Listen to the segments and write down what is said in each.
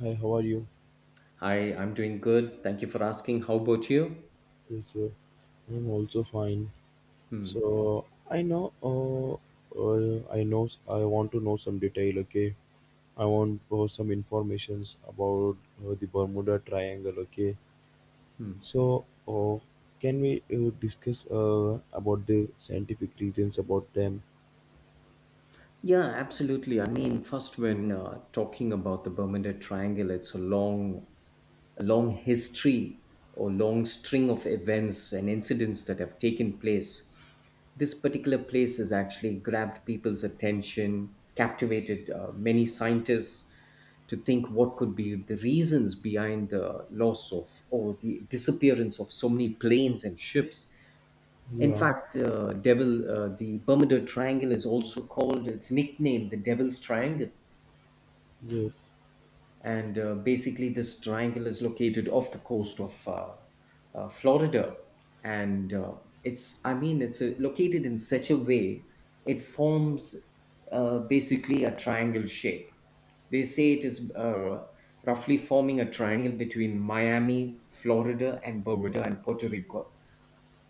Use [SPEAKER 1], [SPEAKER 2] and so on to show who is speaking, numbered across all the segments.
[SPEAKER 1] Hi, how are you?
[SPEAKER 2] Hi, I'm doing good. Thank you for asking. How about you?
[SPEAKER 1] Yes, sir. I'm also fine.
[SPEAKER 2] Hmm.
[SPEAKER 1] So I know. I know, I want to know some detail. Okay, I want some informations about the Bermuda Triangle. Okay,
[SPEAKER 2] Hmm.
[SPEAKER 1] so can we discuss about the scientific reasons about them?
[SPEAKER 2] Yeah, absolutely. I mean, first, when talking about the Bermuda Triangle, it's a long history or long string of events and incidents that have taken place. This particular place has actually grabbed people's attention, captivated many scientists to think what could be the reasons behind the loss of or the disappearance of so many planes and ships. In
[SPEAKER 1] Yeah.
[SPEAKER 2] fact, the Bermuda Triangle is also called, it's nickname, the Devil's Triangle.
[SPEAKER 1] Yes.
[SPEAKER 2] And Basically, this triangle is located off the coast of Florida. And it's, I mean, it's located in such a way, it forms basically a triangle shape. They say it is roughly forming a triangle between Miami, Florida, and Bermuda and Puerto Rico,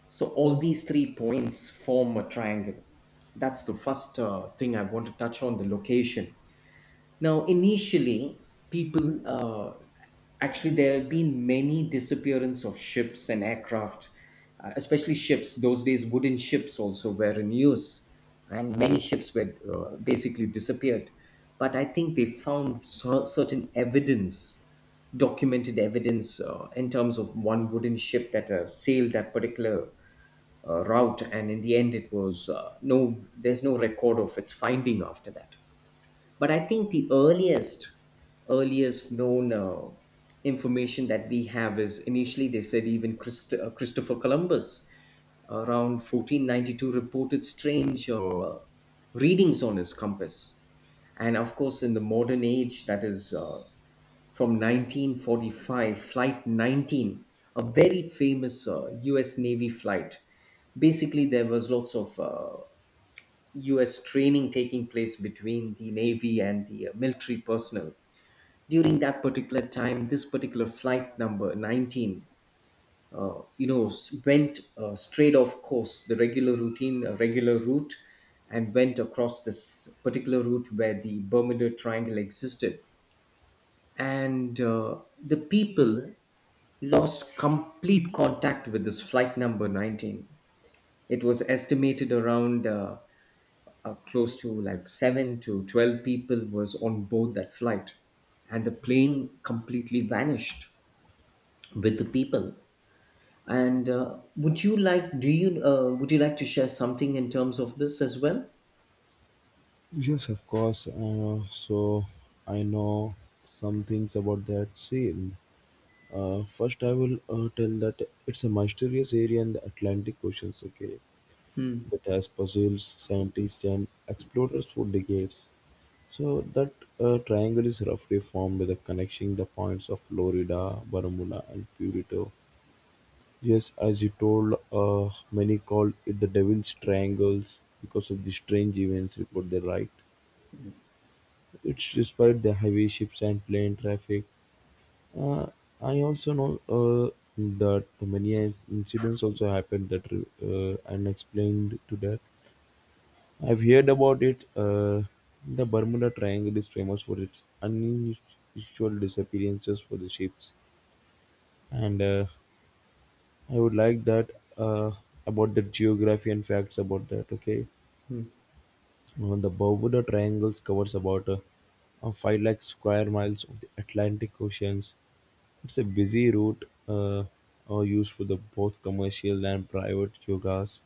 [SPEAKER 2] so all these three points form a triangle. That's the first thing I want to touch on the location. Now, initially, people actually there have been many disappearance of ships and aircraft, especially ships. Those days, wooden ships also were in use, and many ships were basically disappeared. But I think they found certain evidence, documented evidence in terms of one wooden ship that sailed that particular route, and in the end it was no, there's no record of its finding after that. But I think the earliest known information that we have is, initially they said even Christopher Columbus around 1492 reported strange readings on his compass. And of course, in the modern age, that is from 1945, Flight 19, a very famous US Navy flight. Basically, there was lots of US training taking place between the Navy and the military personnel. During that particular time, this particular flight number 19, went straight off course, the regular routine, regular route, and went across this particular route where the Bermuda Triangle existed. And The people lost complete contact with this flight number 19. It was estimated around close to like 7 to 12 people was on board that flight, and the plane completely vanished with the people. And would you like to share something in terms of this as well?
[SPEAKER 1] Yes, of course. So I know some things about that. See. First, I will tell that it's a mysterious area in the Atlantic Ocean, okay,
[SPEAKER 2] Hmm.
[SPEAKER 1] that has puzzled scientists and explorers for decades. So that triangle is roughly formed with a connecting the points of Florida, Bermuda, and Purito. Yes, as you told, many call it the Devil's Triangles because of the strange events reported there, right? It's despite the heavy ships and plane traffic. Uh, I also know that many incidents also happened that unexplained to that. I've heard about it. The Bermuda Triangle is famous for its unusual disappearances for the ships, and I would like that uh, about the geography and facts about that. Okay. The Bermuda Triangles covers about five lakh square miles of the Atlantic Oceans. It's a busy route used for the both commercial and private yogas.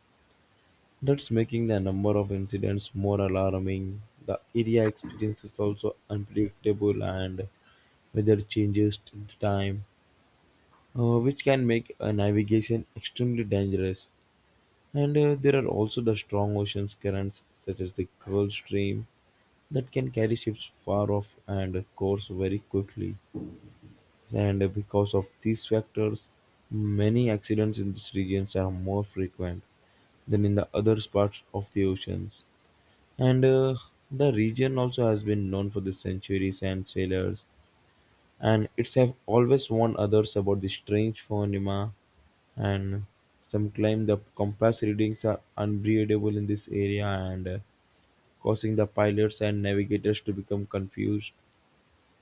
[SPEAKER 1] That's making the number of incidents more alarming. The area experience is also unpredictable and weather changes to the time, which can make navigation extremely dangerous. And there are also the strong ocean currents, such as the Gulf Stream, that can carry ships far off and course very quickly. And because of these factors, many accidents in these regions are more frequent than in the other parts of the oceans. And the region also has been known for the centuries and sailors, and it's have always warned others about the strange phenomena. And some claim the compass readings are unreadable in this area and causing the pilots and navigators to become confused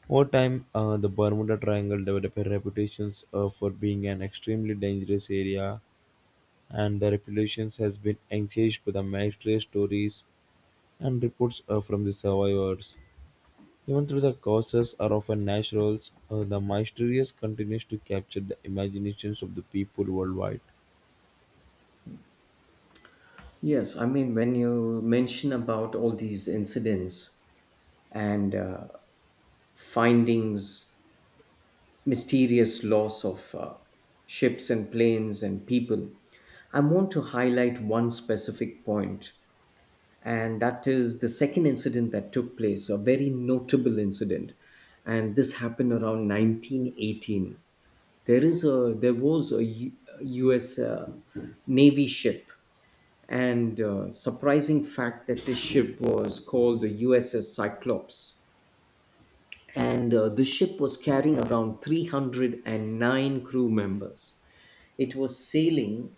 [SPEAKER 1] over time. The Bermuda Triangle developed a reputation for being an extremely dangerous area, and the reputation has been enhanced by the military stories and reports from the survivors. Even though the causes are often natural, the mysterious continues to capture the imaginations of the people worldwide.
[SPEAKER 2] Yes, I mean, when you mention about all these incidents, and findings, mysterious loss of ships and planes and people, I want to highlight one specific point, and that is the second incident that took place, a very notable incident, and this happened around 1918. There was a U.S. Navy ship, and surprising fact that this ship was called the USS Cyclops, and the ship was carrying around 309 crew members. It was sailing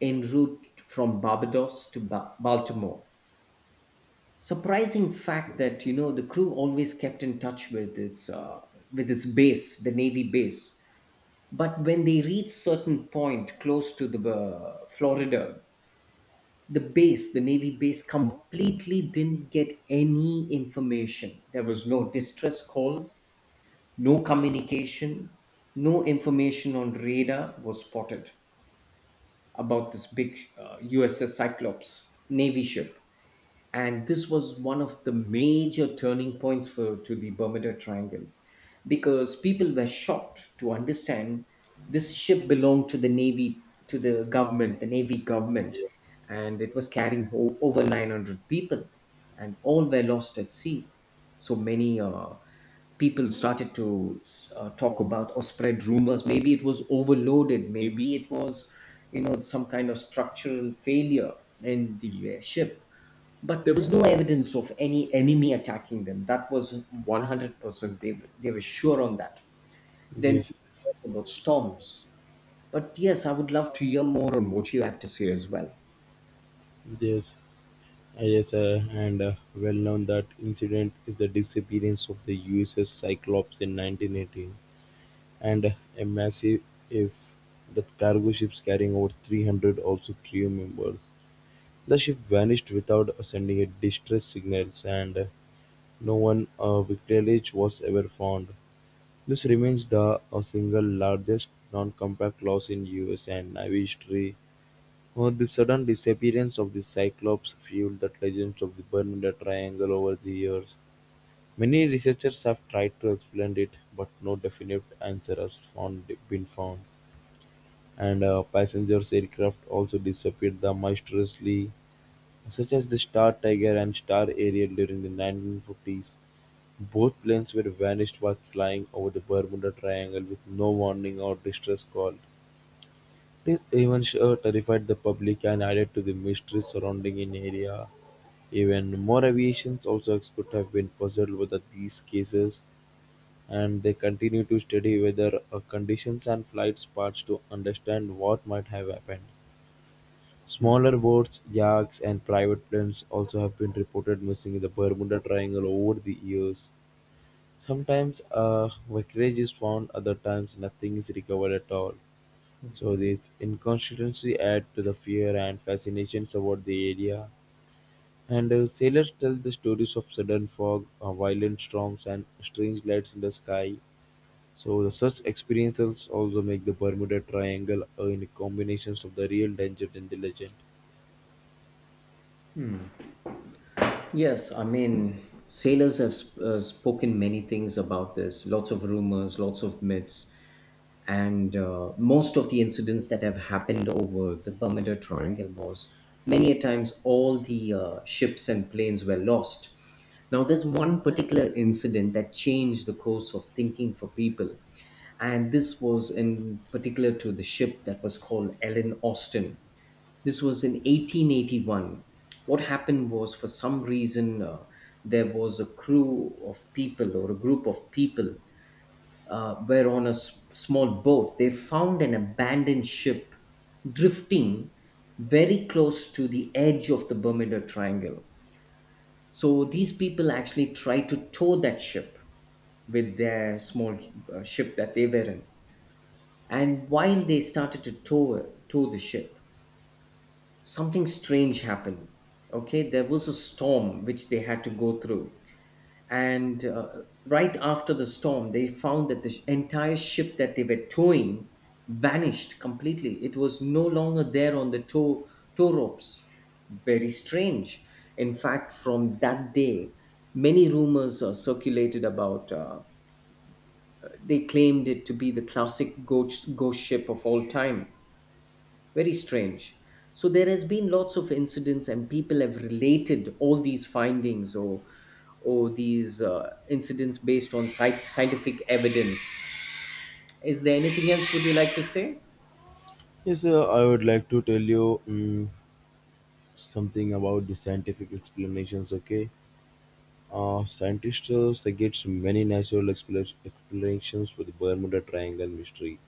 [SPEAKER 2] en route from Barbados to Baltimore. Surprising fact that, you know, the crew always kept in touch with its base, the Navy base. But when they reached certain point close to the Florida, the base, the Navy base, completely didn't get any information. There was no distress call, no communication, no information on radar was spotted about this big USS Cyclops Navy ship. And this was one of the major turning points for to the Bermuda Triangle, because people were shocked to understand this ship belonged to the Navy, to the government, the Navy government, and it was carrying over 900 people, and all were lost at sea. So many people started to talk about or spread rumors, maybe it was overloaded, maybe it was, you know, some kind of structural failure in the ship. But there was no evidence of any enemy attacking them, that was 100%, they were sure on that. Then
[SPEAKER 1] Yes,
[SPEAKER 2] people talked about storms, but yes, I would love to hear more on what you have to say as well.
[SPEAKER 1] yes. Yes, and well known that incident is the disappearance of the USS Cyclops in 1918. And a massive if the cargo ships carrying over 300 also crew members. The ship vanished without sending a distress signals and no one victuallage was ever found. This remains the single largest non-compact loss in US and Navy history. The sudden disappearance of the Cyclops fueled the legends of the Bermuda Triangle over the years. Many researchers have tried to explain it, but no definite answer has been found. And passengers aircraft also disappeared the mysteriously, such as the Star Tiger and Star Ariel during the 1950s. Both planes were vanished while flying over the Bermuda Triangle with no warning or distress call. This event terrified the public and added to the mystery surrounding an area. Even more aviation also experts have been puzzled whether these cases, and they continue to study weather conditions and flight paths to understand what might have happened. Smaller boats, yachts, and private planes also have been reported missing in the Bermuda Triangle over the years. Sometimes a wreckage is found, other times nothing is recovered at all. So this inconsistency adds to the fear and fascination about the area. And sailors tell the stories of sudden fog, violent storms, and strange lights in the sky. So the such experiences also make the Bermuda Triangle in combinations of the real danger and the legend.
[SPEAKER 2] Yes, I mean, sailors have spoken many things about this, lots of rumors, lots of myths, and most of the incidents that have happened over the Bermuda Triangle was many a times all the ships and planes were lost. Now, there's one particular incident that changed the course of thinking for people, and this was in particular to the ship that was called Ellen Austin. This was in 1881. What happened was, for some reason, there was a crew of people or a group of people were on a small boat. They found an abandoned ship drifting very close to the edge of the Bermuda Triangle. So these people actually tried to tow that ship with their small ship that they were in. And while they started to tow the ship, something strange happened. Okay, there was a storm which they had to go through, and right after the storm they found that the entire ship that they were towing vanished completely. It was no longer there on the tow ropes. Very strange. In fact, from that day many rumors are circulated about they claimed it to be the classic ghost ship of all time. Very strange. So there has been lots of incidents, and people have related all these findings or these incidents based on scientific evidence. Is there anything else would you like to say?
[SPEAKER 1] Yes, I would like to tell you something about the scientific explanations. Okay. Scientists suggest many natural explanations for the Bermuda Triangle mystery.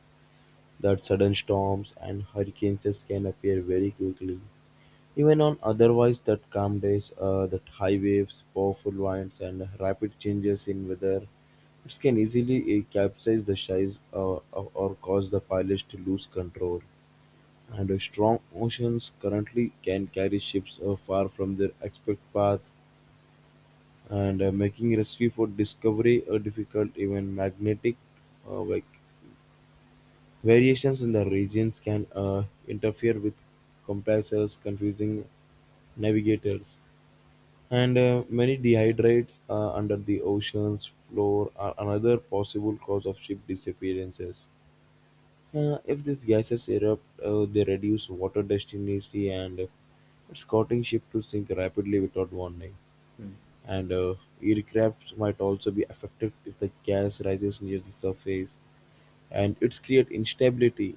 [SPEAKER 1] That sudden storms and hurricanes just can appear very quickly, even on otherwise that calm days. That high waves, powerful winds, and rapid changes in weather, it can easily capsize the size or cause the pilots to lose control. And a strong oceans currently can carry ships far from their expected path and making rescue for discovery difficult. Even magnetic uh, like variations in the regions can interfere with compasses, confusing navigators. And many dehydrates under the ocean's floor are another possible cause of ship disappearances. If these gases erupt, they reduce water density and it's causing ship to sink rapidly without warning.
[SPEAKER 2] Hmm.
[SPEAKER 1] And aircraft might also be affected if the gas rises near the surface, and it's create instability,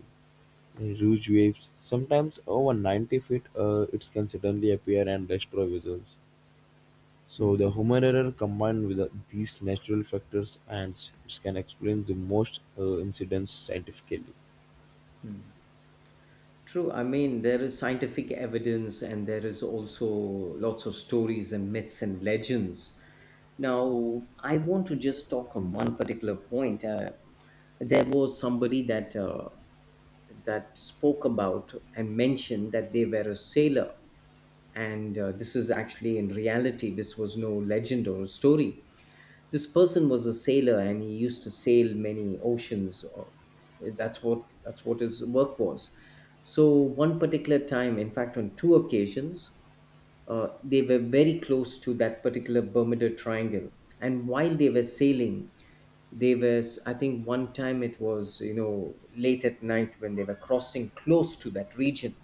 [SPEAKER 1] in huge waves. Sometimes over 90 feet, it can suddenly appear and destroy vessels.
[SPEAKER 2] Hmm.
[SPEAKER 1] So the human error combined with these natural factors and it can explain the most incidents scientifically.
[SPEAKER 2] True. I mean, there is scientific evidence, and there is also lots of stories and myths and legends. Now, I want to just talk on one particular point. There was somebody that that spoke about and mentioned that they were a sailor. And this is actually in reality, this was no legend or a story. This person was a sailor and he used to sail many oceans. Or, that's what his work was. So, one particular time, in fact, on two occasions, they were very close to that particular Bermuda Triangle. And while they were sailing, I think one time it was, you know, late at night when they were crossing close to that region.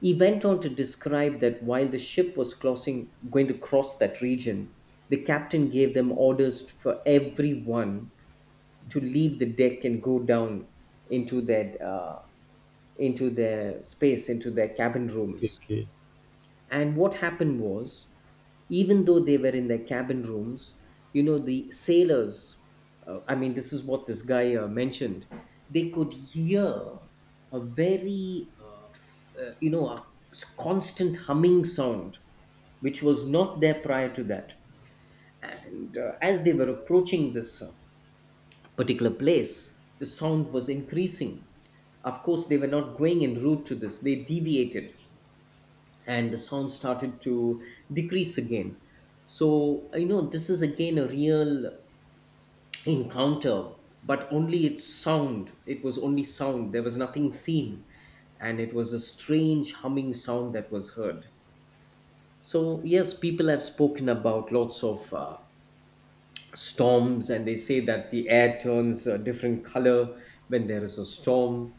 [SPEAKER 2] He went on to describe that while the ship was crossing, going to cross that region, the captain gave them orders for everyone to leave the deck and go down into their uh, into their space, into their cabin
[SPEAKER 1] Okay,
[SPEAKER 2] rooms.
[SPEAKER 1] okay.
[SPEAKER 2] And what happened was, even though they were in their cabin rooms, you know, the sailors, I mean, this is what this guy mentioned, they could hear a very, you know, a constant humming sound, which was not there prior to that. And as they were approaching this particular place, the sound was increasing. Of course, they were not going en route to this, they deviated and the sound started to decrease again. So, you know, this is again a real encounter, but only its sound. It was only sound, there was nothing seen, and it was a strange humming sound that was heard. So, yes, people have spoken about lots of storms, and they say that the air turns a different color when there is a storm.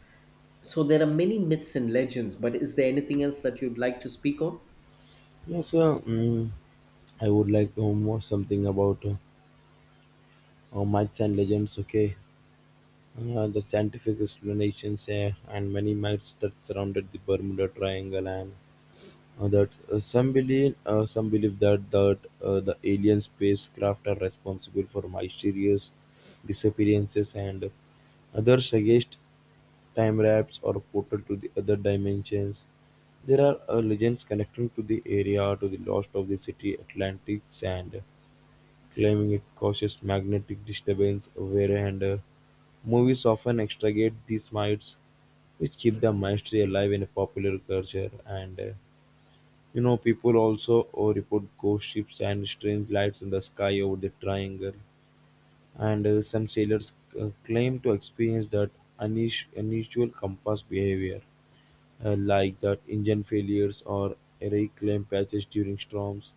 [SPEAKER 2] So, there are many myths and legends, but is there anything else that you'd like to speak on?
[SPEAKER 1] Yes, sir. I would like to know something about myths and legends, okay? The scientific explanations and many myths that surrounded the Bermuda Triangle, and that some believe that the alien spacecraft are responsible for mysterious disappearances, and others suggest time wraps or portal to the other dimensions. There are legends connecting to the area to the lost of the city Atlantis and claiming it causes magnetic disturbance wherein the movies often extricate these myths, which keep the mystery alive in popular culture. And people also report ghost ships and strange lights in the sky over the triangle. And some sailors claim to experience that unusual compass behavior, like that engine failures or reclaim patches during storms.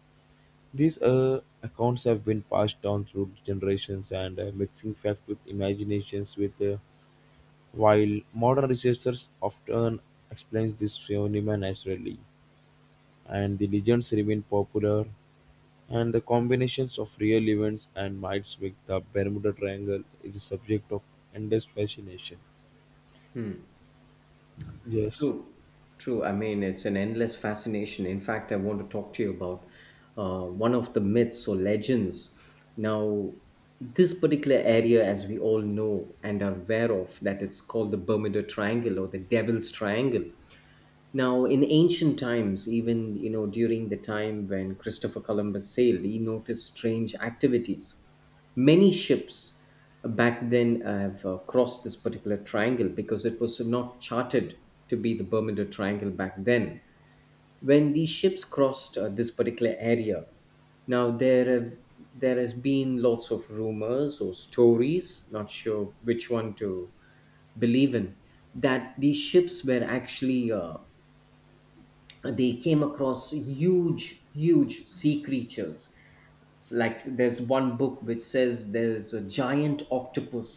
[SPEAKER 1] These accounts have been passed down through generations and mixing fact with imaginations with while modern researchers often explains this phenomena naturally, and the legends remain popular, and the combinations of real events and myths with the Bermuda Triangle is a subject of endless fascination. Yes.
[SPEAKER 2] True, true. I mean, it's an endless fascination. In fact, I want to talk to you about one of the myths or legends. Now, this particular area, as we all know and are aware of, that it's called the Bermuda Triangle or the Devil's Triangle. Now, in ancient times, even you know during the time when Christopher Columbus sailed, he noticed strange activities. Many ships back then have crossed this particular triangle because it was not charted to be the Bermuda Triangle back then. When these ships crossed this particular area, now there have there has been lots of rumors or stories. Not sure which one to believe in, that these ships were actually they came across huge sea creatures. It's like there's one book which says there's a giant octopus,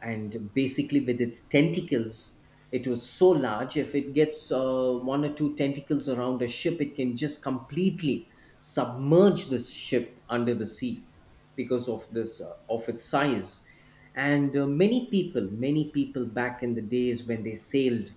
[SPEAKER 2] and basically with its tentacles, it was so large, if it gets one or two tentacles around a ship, it can just completely submerge the ship under the sea because of this of its size. And many people back in the days when they sailed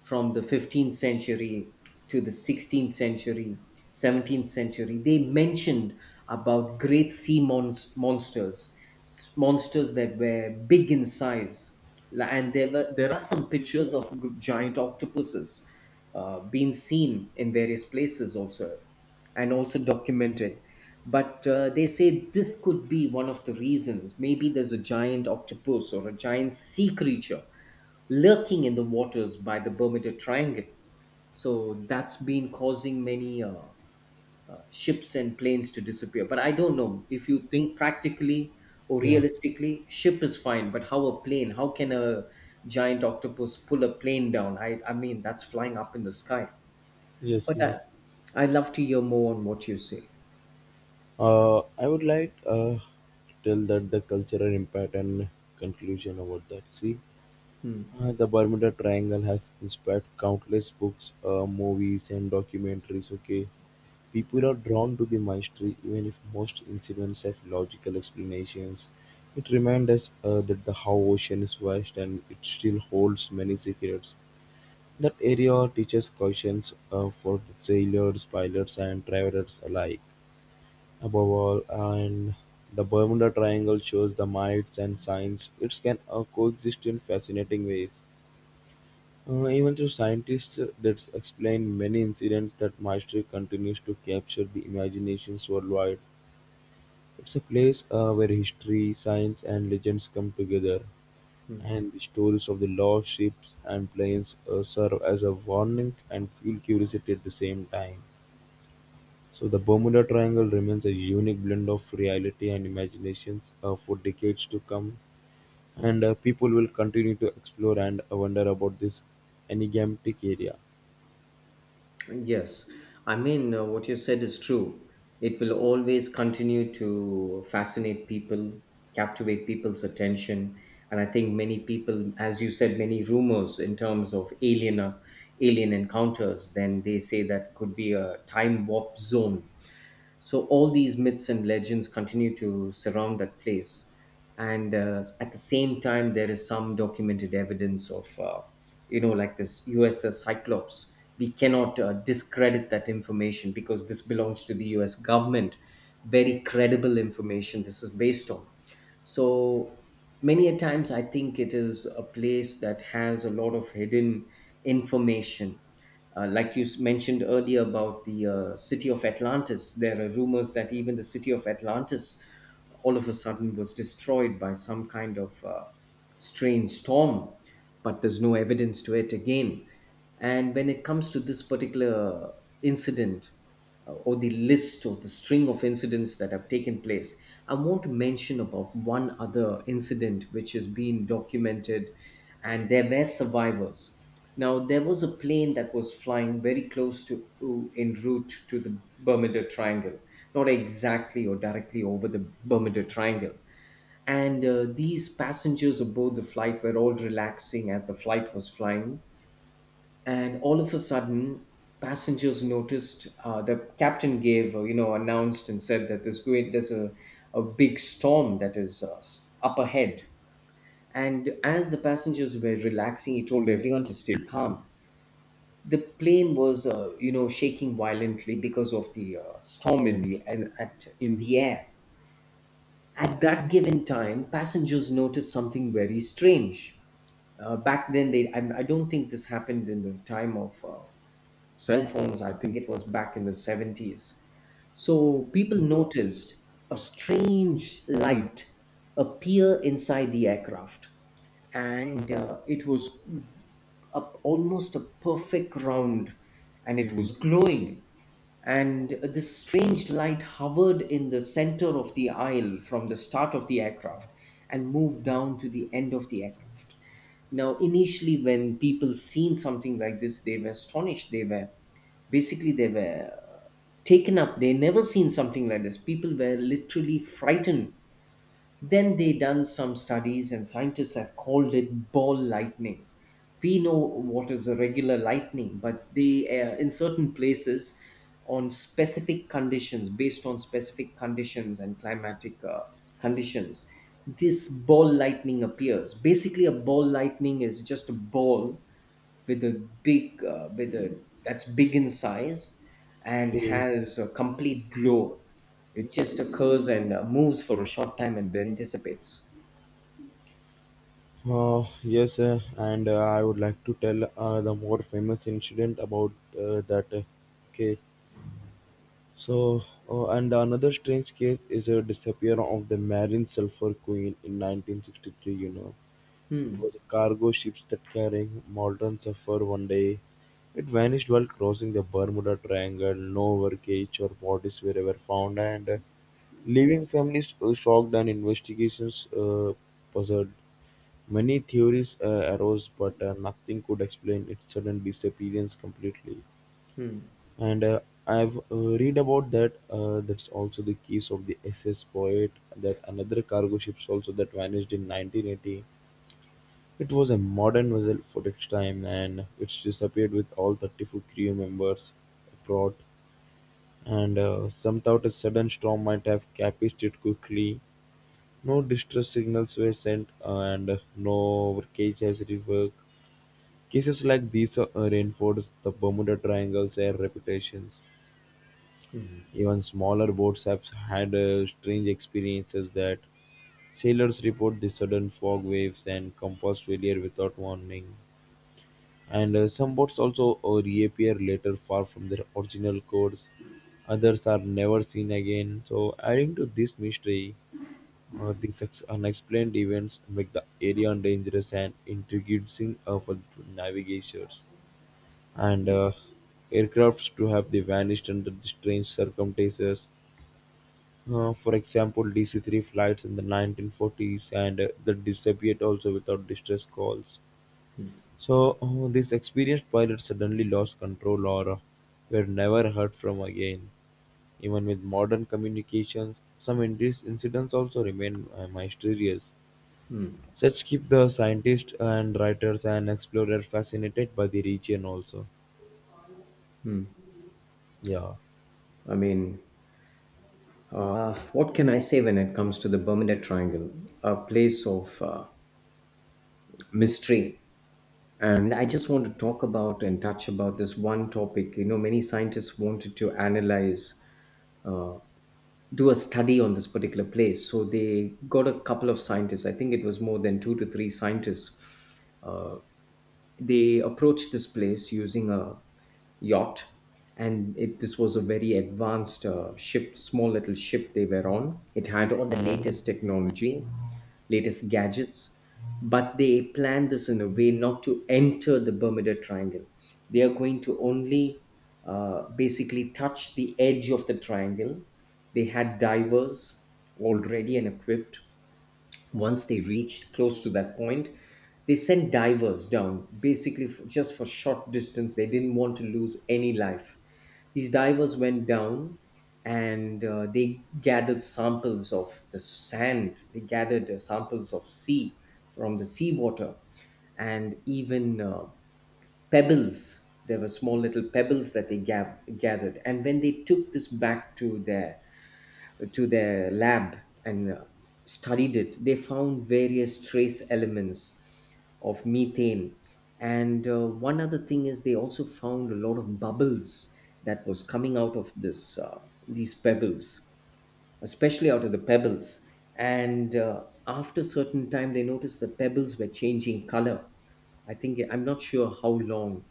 [SPEAKER 2] from the 15th century to the 16th century, 17th century, they mentioned about great sea mons- monsters, s- monsters that were big in size. There are some pictures of giant octopuses being seen in various places also, and also documented. But they say this could be one of the reasons. Maybe there's a giant octopus or a giant sea creature lurking in the waters by the Bermuda Triangle. So that's been causing many ships and planes to disappear. But I don't know if you think practically or
[SPEAKER 1] Yeah.
[SPEAKER 2] realistically, ship is fine. But how a plane? How can a giant octopus pull a plane down? I mean, that's flying up in the sky.
[SPEAKER 1] Yes.
[SPEAKER 2] But
[SPEAKER 1] Yes.
[SPEAKER 2] I, I'd love to hear more on what you say.
[SPEAKER 1] I would like to tell that the cultural impact and conclusion about that. See.
[SPEAKER 2] Hmm.
[SPEAKER 1] The Bermuda Triangle has inspired countless books, movies, and documentaries. Okay, people are drawn to the mystery, even if most incidents have logical explanations. It reminds us that the how ocean is vast and it still holds many secrets. That area teaches cautions for the sailors, pilots, and travelers alike. Above all, and the Bermuda Triangle shows the mites and science. It can coexist in fascinating ways. Even though scientists that's explain many incidents that Maastricht continues to capture the imaginations worldwide. It's a place where history, science, and legends come together,
[SPEAKER 2] Hmm.
[SPEAKER 1] and the stories of the lost ships and planes serve as a warning and fuel curiosity at the same time. So the Bermuda Triangle remains a unique blend of reality and imaginations for decades to come, and people will continue to explore and wonder about this enigmatic area.
[SPEAKER 2] Yes, I mean, what you said is true. It will always continue to fascinate people, captivate people's attention. And I think many people, as you said, many rumors in terms of alien encounters, then they say that could be a time warp zone, so all these myths and legends continue to surround that place. And at the same time, there is some documented evidence of, you know, like this USS Cyclops. We cannot discredit that information because this belongs to the US government. Very credible information this is based on. So many a times I think it is a place that has a lot of hidden information, like you mentioned earlier about the city of Atlantis, there are rumors that even the city of Atlantis all of a sudden was destroyed by some kind of strange storm, but there's no evidence to it again. And when it comes to this particular incident, or the list or the string of incidents that have taken place, I want to mention about one other incident which has been documented, and there were survivors. Now, there was a plane that was flying very close to en route to the Bermuda Triangle, not exactly or directly over the Bermuda Triangle. And these passengers aboard the flight were all relaxing as the flight was flying, and all of a sudden passengers noticed the captain gave you know, announced and said that there's going there's a big storm that is up ahead, and as the passengers were relaxing he told everyone to stay calm. The plane was you know, shaking violently because of the storm in the and at in the air at that given time. Passengers noticed something very strange. Back then, they I don't think this happened in the time of cell phones. I think it was back in the 70s. So people noticed a strange light appear inside the aircraft, and it was a, almost a perfect round and it was glowing, and this strange light hovered in the center of the aisle from the start of the aircraft and moved down to the end of the aircraft. Now, initially, when people seen something like this, they were astonished. They were basically they were taken up. They never seen something like this. People were literally frightened. Then they done some studies and scientists have called it ball lightning. We know what is a regular lightning, but they in certain places on specific conditions, based on specific conditions and climatic conditions, this ball lightning appears. Basically, a ball lightning is just a ball with a big with a that's big in size and
[SPEAKER 1] Okay.
[SPEAKER 2] has a complete glow. It just occurs and moves for a short time and then dissipates.
[SPEAKER 1] Yes, and I would like to tell the more famous incident about that. Okay, so and another strange case is a disappearance of the Marine Sulphur Queen in 1963. It
[SPEAKER 2] Hmm.
[SPEAKER 1] was a cargo ship that carrying modern sulfur. One day, it vanished while crossing the Bermuda Triangle. No wreckage or bodies were ever found, and leaving families shocked and investigations puzzled. Many theories arose, but nothing could explain its sudden disappearance completely.
[SPEAKER 2] Hmm.
[SPEAKER 1] And I've read about that. That's also the case of the SS Poet, that another cargo ships also that vanished in 1980. It was a modern vessel for its time, and it's disappeared with all 34 crew members abroad. And some thought a sudden storm might have capsized it quickly. No distress signals were sent, and no wreckage has reworked. Cases like these reinforce the Bermuda Triangle's air reputations. Even smaller boats have had strange experiences that sailors report the sudden fog waves and compass failure without warning. And some boats also reappear later far from their original course. Others are never seen again. So, adding to this mystery, these unexplained events make the area dangerous and intriguing for navigators. And aircrafts to have they vanished under the strange circumstances. For example, DC-3 flights in the 1940s and that disappeared also without distress calls. So, these experienced pilots suddenly lost control or were never heard from again. Even with modern communications, some incidents also remain mysterious. Such keep the scientists and writers and explorers fascinated by the region also. Yeah.
[SPEAKER 2] I mean, what can I say? When it comes to the Bermuda Triangle, a place of mystery, and I just want to talk about and touch about this one topic. You know, many scientists wanted to analyze, uh, do a study on this particular place. So they got a couple of scientists. I think it was more than two to three scientists. Uh, they approached this place using a yacht, and it this was a very advanced ship, small little ship they were on. It had all the latest technology, latest gadgets, but they planned this in a way not to enter the Bermuda Triangle. They are going to only basically touch the edge of the triangle. They had divers already and equipped. Once they reached close to that point, they sent divers down, basically just for short distance. They didn't want to lose any life. These divers went down, and they gathered samples of the sand, they gathered samples of sea from the seawater, and even pebbles. There were small little pebbles that they gathered. And when they took this back to their lab and studied it, they found various trace elements of methane. And one other thing is they also found a lot of bubbles that was coming out of this these pebbles, especially out of the pebbles. And after certain time, they noticed the pebbles were changing color. I think I'm not sure how long,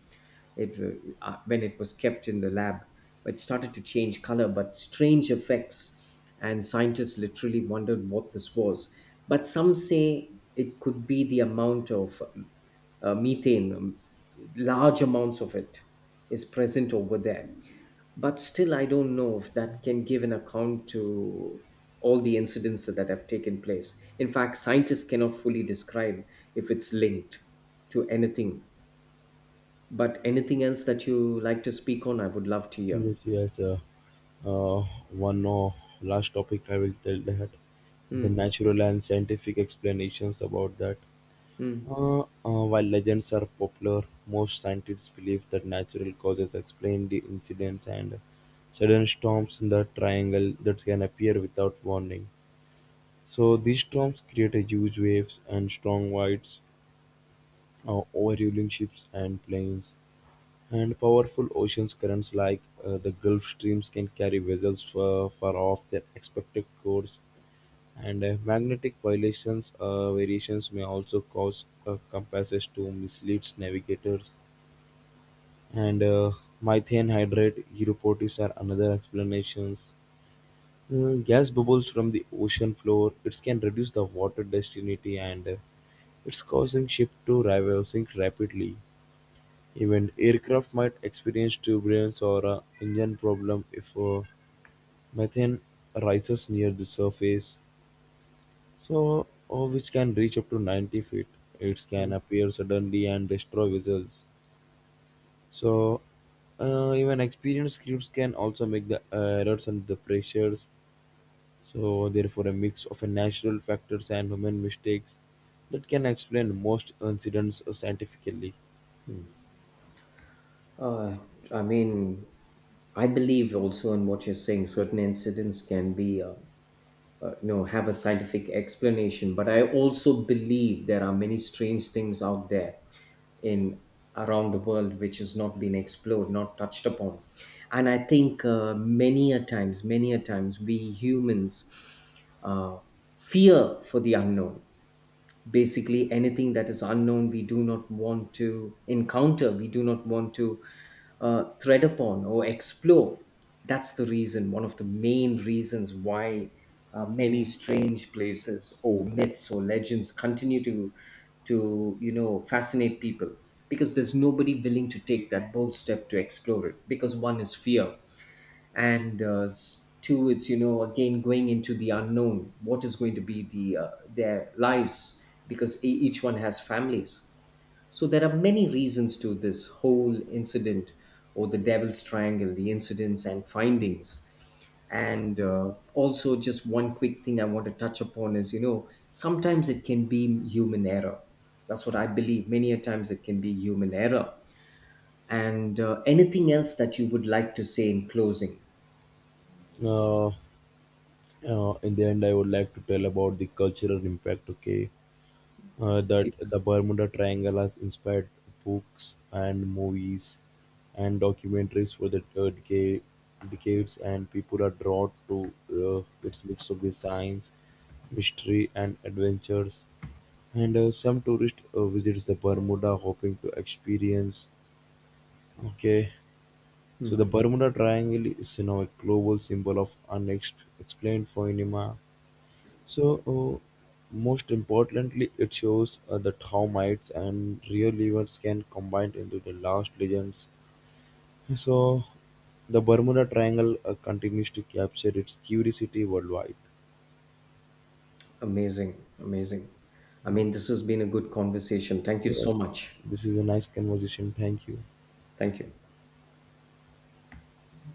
[SPEAKER 2] it when it was kept in the lab it started to change color, but strange effects, and scientists literally wondered what this was. But some say it could be the amount of methane, large amounts of it is present over there. But still I don't know if that can give an account to all the incidents that have taken place. In fact, scientists cannot fully describe if it's linked to anything. But anything else that you like to speak on, I would love to hear.
[SPEAKER 1] Yes, yes. Uh, one last topic I will tell that the
[SPEAKER 2] Mm,
[SPEAKER 1] natural and scientific explanations about that.
[SPEAKER 2] mm,
[SPEAKER 1] While legends are popular, most scientists believe that natural causes explain the incidents and sudden storms in the triangle that can appear without warning. So these storms create a huge waves and strong winds, overruling ships and planes. And powerful ocean currents like the Gulf Streams can carry vessels far, far off their expected course, and magnetic violations variations may also cause compasses to mislead navigators. And methane hydrate uropotis are another explanations. Gas bubbles from the ocean floor it can reduce the water density and it's causing ship to rival sink rapidly. Even aircraft might experience turbulence or a engine problem if methane rises near the surface, so which can reach up to 90 feet. It can
[SPEAKER 2] mm.
[SPEAKER 1] appear suddenly and destroy vessels. So even experienced crews can also make the errors and the pressures. So therefore, a mix of a natural factors and human mistakes that can explain most incidents scientifically.
[SPEAKER 2] Uh, I mean, I believe also in what you're saying. Certain incidents can be, you know, have a scientific explanation. But I also believe there are many strange things out there in around the world which has not been explored, not touched upon. And I think many a times, we humans uh, fear for the unknown. Basically anything that is unknown we do not want to encounter, we do not want to tread upon or explore. That's the reason, one of the main reasons why many strange places or myths or legends continue to you know fascinate people, because there's nobody willing to take that bold step to explore it, because one is fear, and two it's you know again going into the unknown. What is going to be the their lives, because each one has families. So there are many reasons to this whole incident or the devil's triangle, the incidents and findings. And also just one quick thing I want to touch upon is, you know, sometimes it can be human error. That's what I believe, many a times it can be human error. And anything else that you would like to say in closing?
[SPEAKER 1] Uh, in the end, I would like to tell about the cultural impact. Okay. That the
[SPEAKER 2] Please.
[SPEAKER 1] Bermuda Triangle has inspired books and movies and documentaries for the decades, and people are drawn to its mix of the science, mystery, and adventures. And some tourist visits the Bermuda hoping to experience. Okay, so the
[SPEAKER 2] Hmm.
[SPEAKER 1] Bermuda Triangle is a global symbol of unexplained phenomena. So, most importantly, it shows that how mites and real events can combine into the last legends. So, the Bermuda Triangle continues to capture its curiosity worldwide.
[SPEAKER 2] Amazing. Amazing. I mean, this has been a good conversation. Thank you
[SPEAKER 1] So,
[SPEAKER 2] so much.
[SPEAKER 1] this is a nice conversation. Thank you.
[SPEAKER 2] Thank you.